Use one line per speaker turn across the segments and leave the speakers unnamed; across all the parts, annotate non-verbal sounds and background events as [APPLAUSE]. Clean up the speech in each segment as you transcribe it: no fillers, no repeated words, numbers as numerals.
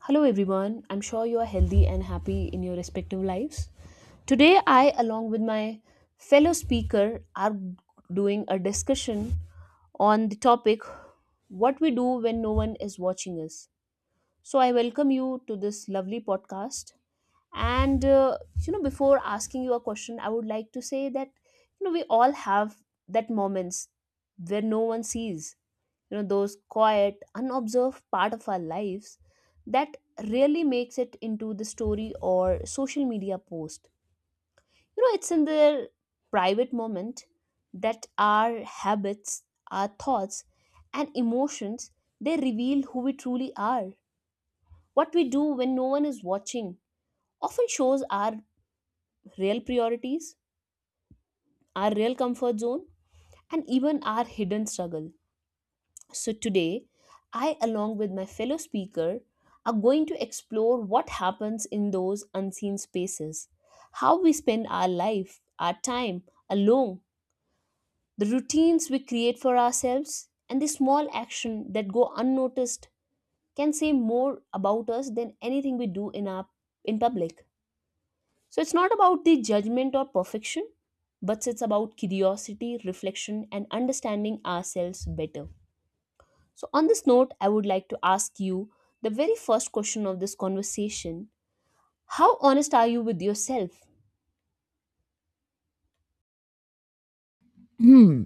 Hello everyone, I'm sure you are healthy and happy in your respective lives. Today, I, along with my fellow speaker, are doing a discussion on the topic what we do when no one is watching us. So I welcome you to this lovely podcast. Before asking you a question, I would like to say that you know we all have that moments where no one sees, you know, those quiet unobserved part of our lives that really makes it into the story or social media post, you know, it's in their private moment that our habits, our thoughts, and emotions, they reveal who we truly are. What we do when no one is watching often shows our real priorities, our real comfort zone, and even our hidden struggle. So, today, I, along with my fellow speaker, are going to explore what happens in those unseen spaces, how we spend our life, our time alone, the routines we create for ourselves, and the small action that go unnoticed can say more about us than anything we do in public. So it's not about the judgment or perfection, but it's about curiosity, reflection, and understanding ourselves better. So, on this note, I would like to ask you the very first question of this conversation. How honest are you with yourself?
Hmm.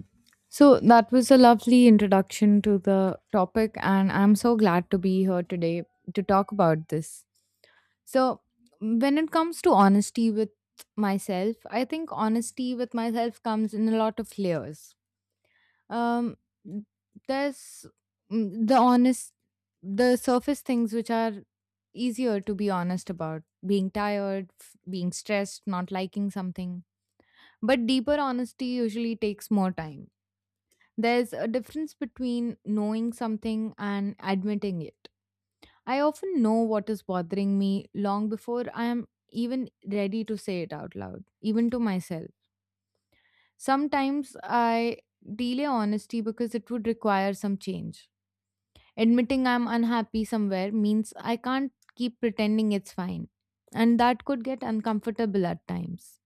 So that was a lovely introduction to the topic, and I'm so glad to be here today to talk about this. So, when it comes to honesty with myself, I think honesty with myself comes in a lot of layers. Um, there's mm, the honest, the surface things which are easier to be honest about being tired, being stressed, not liking something. But deeper honesty usually takes more time. There's a difference between knowing something and admitting it. I often know what is bothering me long before I am even ready to say it out loud, even to myself. Sometimes I delay honesty because it would require some change. Admitting I'm unhappy somewhere means I can't keep pretending it's fine, and that could get uncomfortable at times.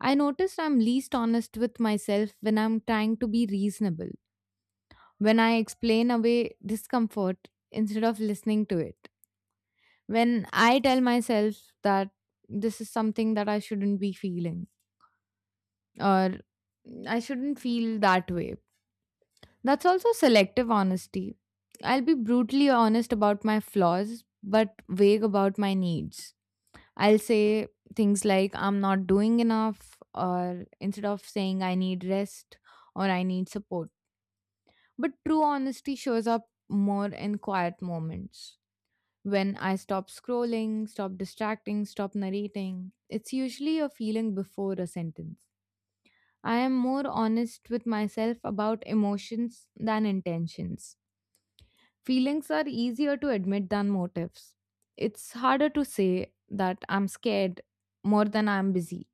I noticed I'm least honest with myself when I'm trying to be reasonable, when I explain away discomfort instead of listening to it, when I tell myself that this is something that I shouldn't be feeling, or I shouldn't feel that way. That's also selective honesty. I'll be brutally honest about my flaws, but vague about my needs. I'll say things like I'm not doing enough, or instead of saying I need rest or I need support. But true honesty shows up more in quiet moments. When I stop scrolling, stop distracting, stop narrating, it's usually a feeling before a sentence. I am more honest with myself about emotions than intentions. Feelings are easier to admit than motives. It's harder to say that I'm scared more than I'm busy.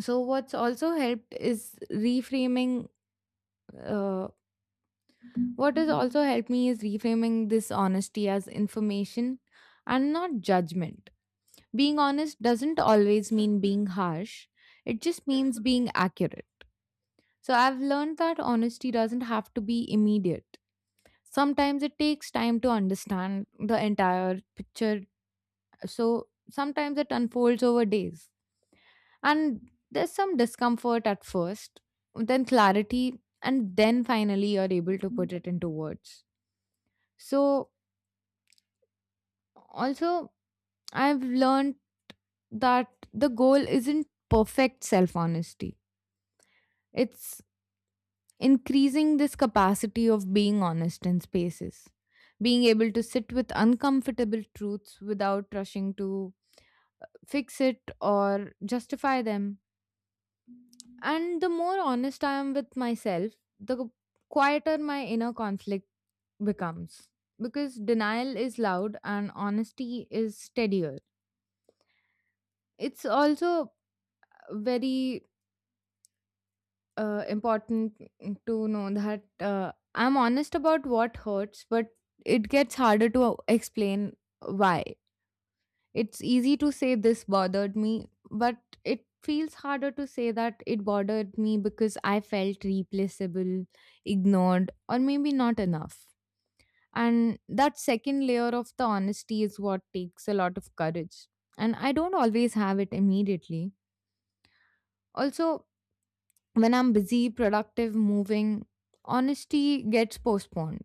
So, what's also helped is reframing. Uh, what has also helped me is reframing this honesty as information and not judgment. Being honest doesn't always mean being harsh, it just means being accurate. So I've learned that honesty doesn't have to be immediate. Sometimes it takes time to understand the entire picture, so sometimes it unfolds over days. And there's some discomfort at first, then clarity, and then finally you're able to put it into words. So, also, I've learned that the goal isn't perfect self honesty. It's increasing this capacity of being honest in spaces, being able to sit with uncomfortable truths without rushing to fix it or justify them. And the more honest I am with myself, the quieter my inner conflict becomes. Because denial is loud and honesty is steadier. It's also very important to know that I'm honest about what hurts, but it gets harder to explain why. It's easy to say this bothered me, but it feels harder to say that it bothered me because I felt replaceable, ignored, or maybe not enough. And that second layer of the honesty is what takes a lot of courage. And I don't always have it immediately. Also, when I'm busy, productive, moving, honesty gets postponed.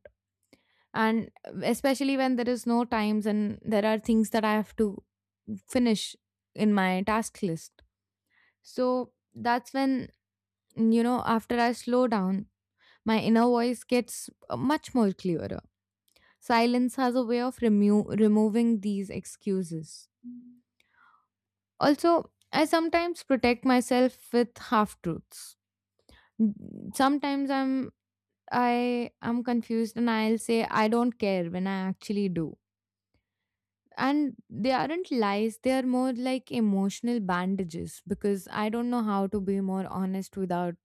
And especially when there is no times and there are things that I have to finish in my task list. So that's when, you know, after I slow down, my inner voice gets much more clearer. Silence has a way of removing these excuses. Also, I sometimes protect myself with half truths. Sometimes I am confused and I'll say I don't care when I actually do. And they aren't lies, they are more like emotional bandages because I don't know how to be more honest without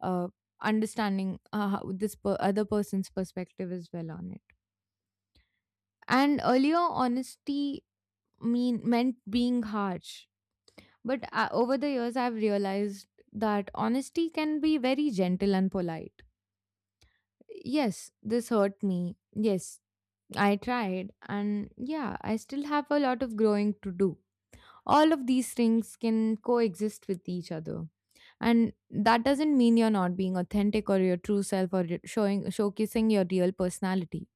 uh, understanding how this other person's perspective as well on it. And earlier, honesty meant being harsh. But over the years, I've realized that honesty can be very gentle and polite. Yes, this hurt me. Yes, I tried, and yeah, I still have a lot of growing to do. All of these things can coexist with each other. And that doesn't mean you're not being authentic or your true self or your- showing showcasing your real personality.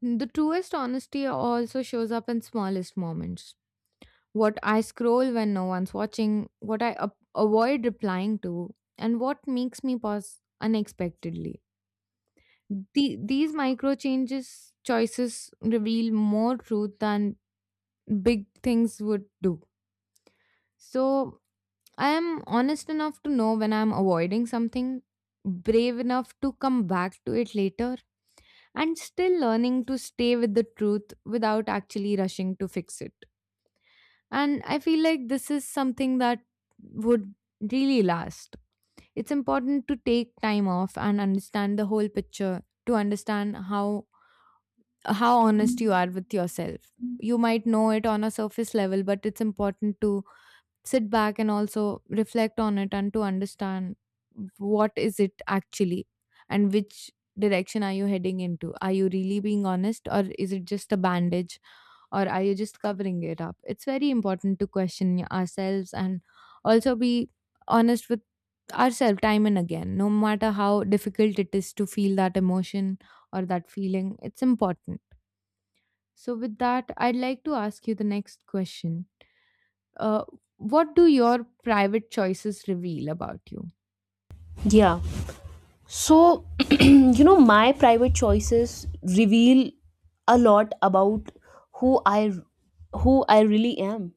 The truest honesty also shows up in smallest moments. What I scroll when no one's watching, what I avoid replying to, and what makes me pause unexpectedly, these micro changes choices reveal more truth than big things would do. So I am honest enough to know when I'm avoiding something, brave enough to come back to it later, and still learning to stay with the truth without actually rushing to fix it. And I feel like this is something that would really last. It's important to take time off and understand the whole picture to understand how honest you are with yourself. You might know it on a surface level, but it's important to sit back and also reflect on it and to understand what is it actually, and which direction are you heading into. Are you really being honest, or is it just a bandage, or are you just covering it up? It's very important to question ourselves and also be honest with ourselves time and again, no matter how difficult it is to feel that emotion or that feeling. It's important. So with that, I'd like to ask you the next question. uh, what do your private choices reveal about you?
Yeah. So, [CLEARS THROAT] you know, my private choices reveal a lot about who I who I really am.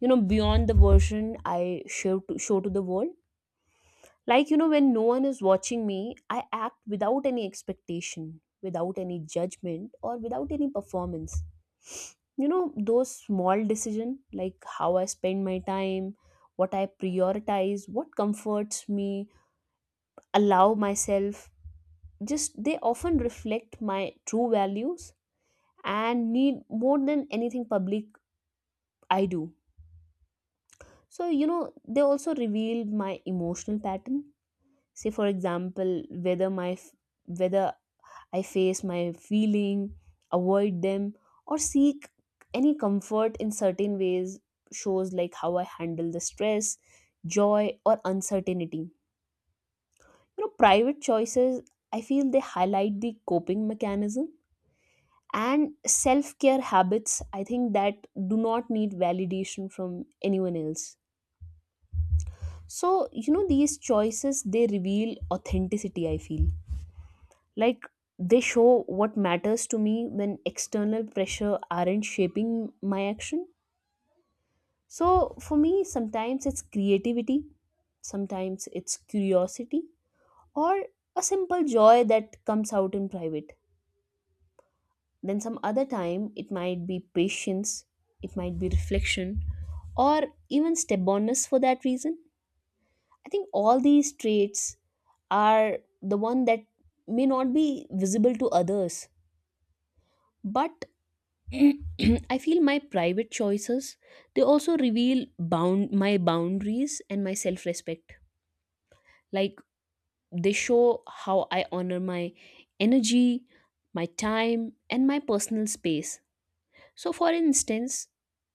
You know, beyond the version I show to the world. Like, you know, when no one is watching me, I act without any expectation, without any judgment, or without any performance. You know, those small decisions, like how I spend my time, what I prioritize, what comforts me, allow myself, just they often reflect my true values and need more than anything public I do. So, you know, they also reveal my emotional pattern. Say, for example, whether I face my feeling, avoid them, or seek any comfort in certain ways, shows like how I handle the stress, joy, or uncertainty. You know, private choices, I feel they highlight the coping mechanism and self care habits, I think, that do not need validation from anyone else. So, you know, these choices they reveal authenticity, I feel. Like, they show what matters to me when external pressure aren't shaping my action. So for me, sometimes it's creativity, sometimes it's curiosity, or a simple joy that comes out in private. Then some other time it might be patience, it might be reflection, or even stubbornness for that reason. I think all these traits are the one that may not be visible to others. But [CLEARS THROAT] I feel my private choices, they also reveal bound my boundaries and my self-respect. Like, they show how I honor my energy, my time, and my personal space. So for instance,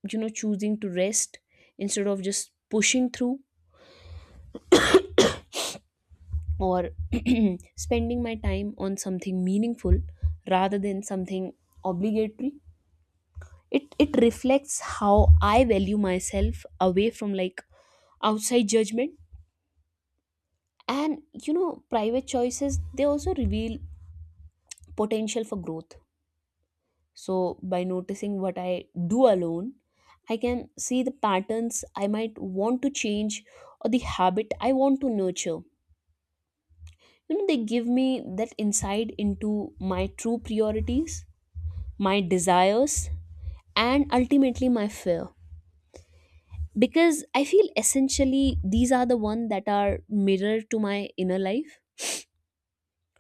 you know, choosing to rest instead of just pushing through, or [CLEARS THROAT] spending my time on something meaningful rather than something obligatory, it reflects how I value myself away from like outside judgment. And you know, private choices, they also reveal potential for growth. So by noticing what I do alone, I can see the patterns I might want to change or the habit I want to nurture. You know, they give me that insight into my true priorities, my desires, and ultimately my fear. Because I feel essentially these are the one that are mirror to my inner life.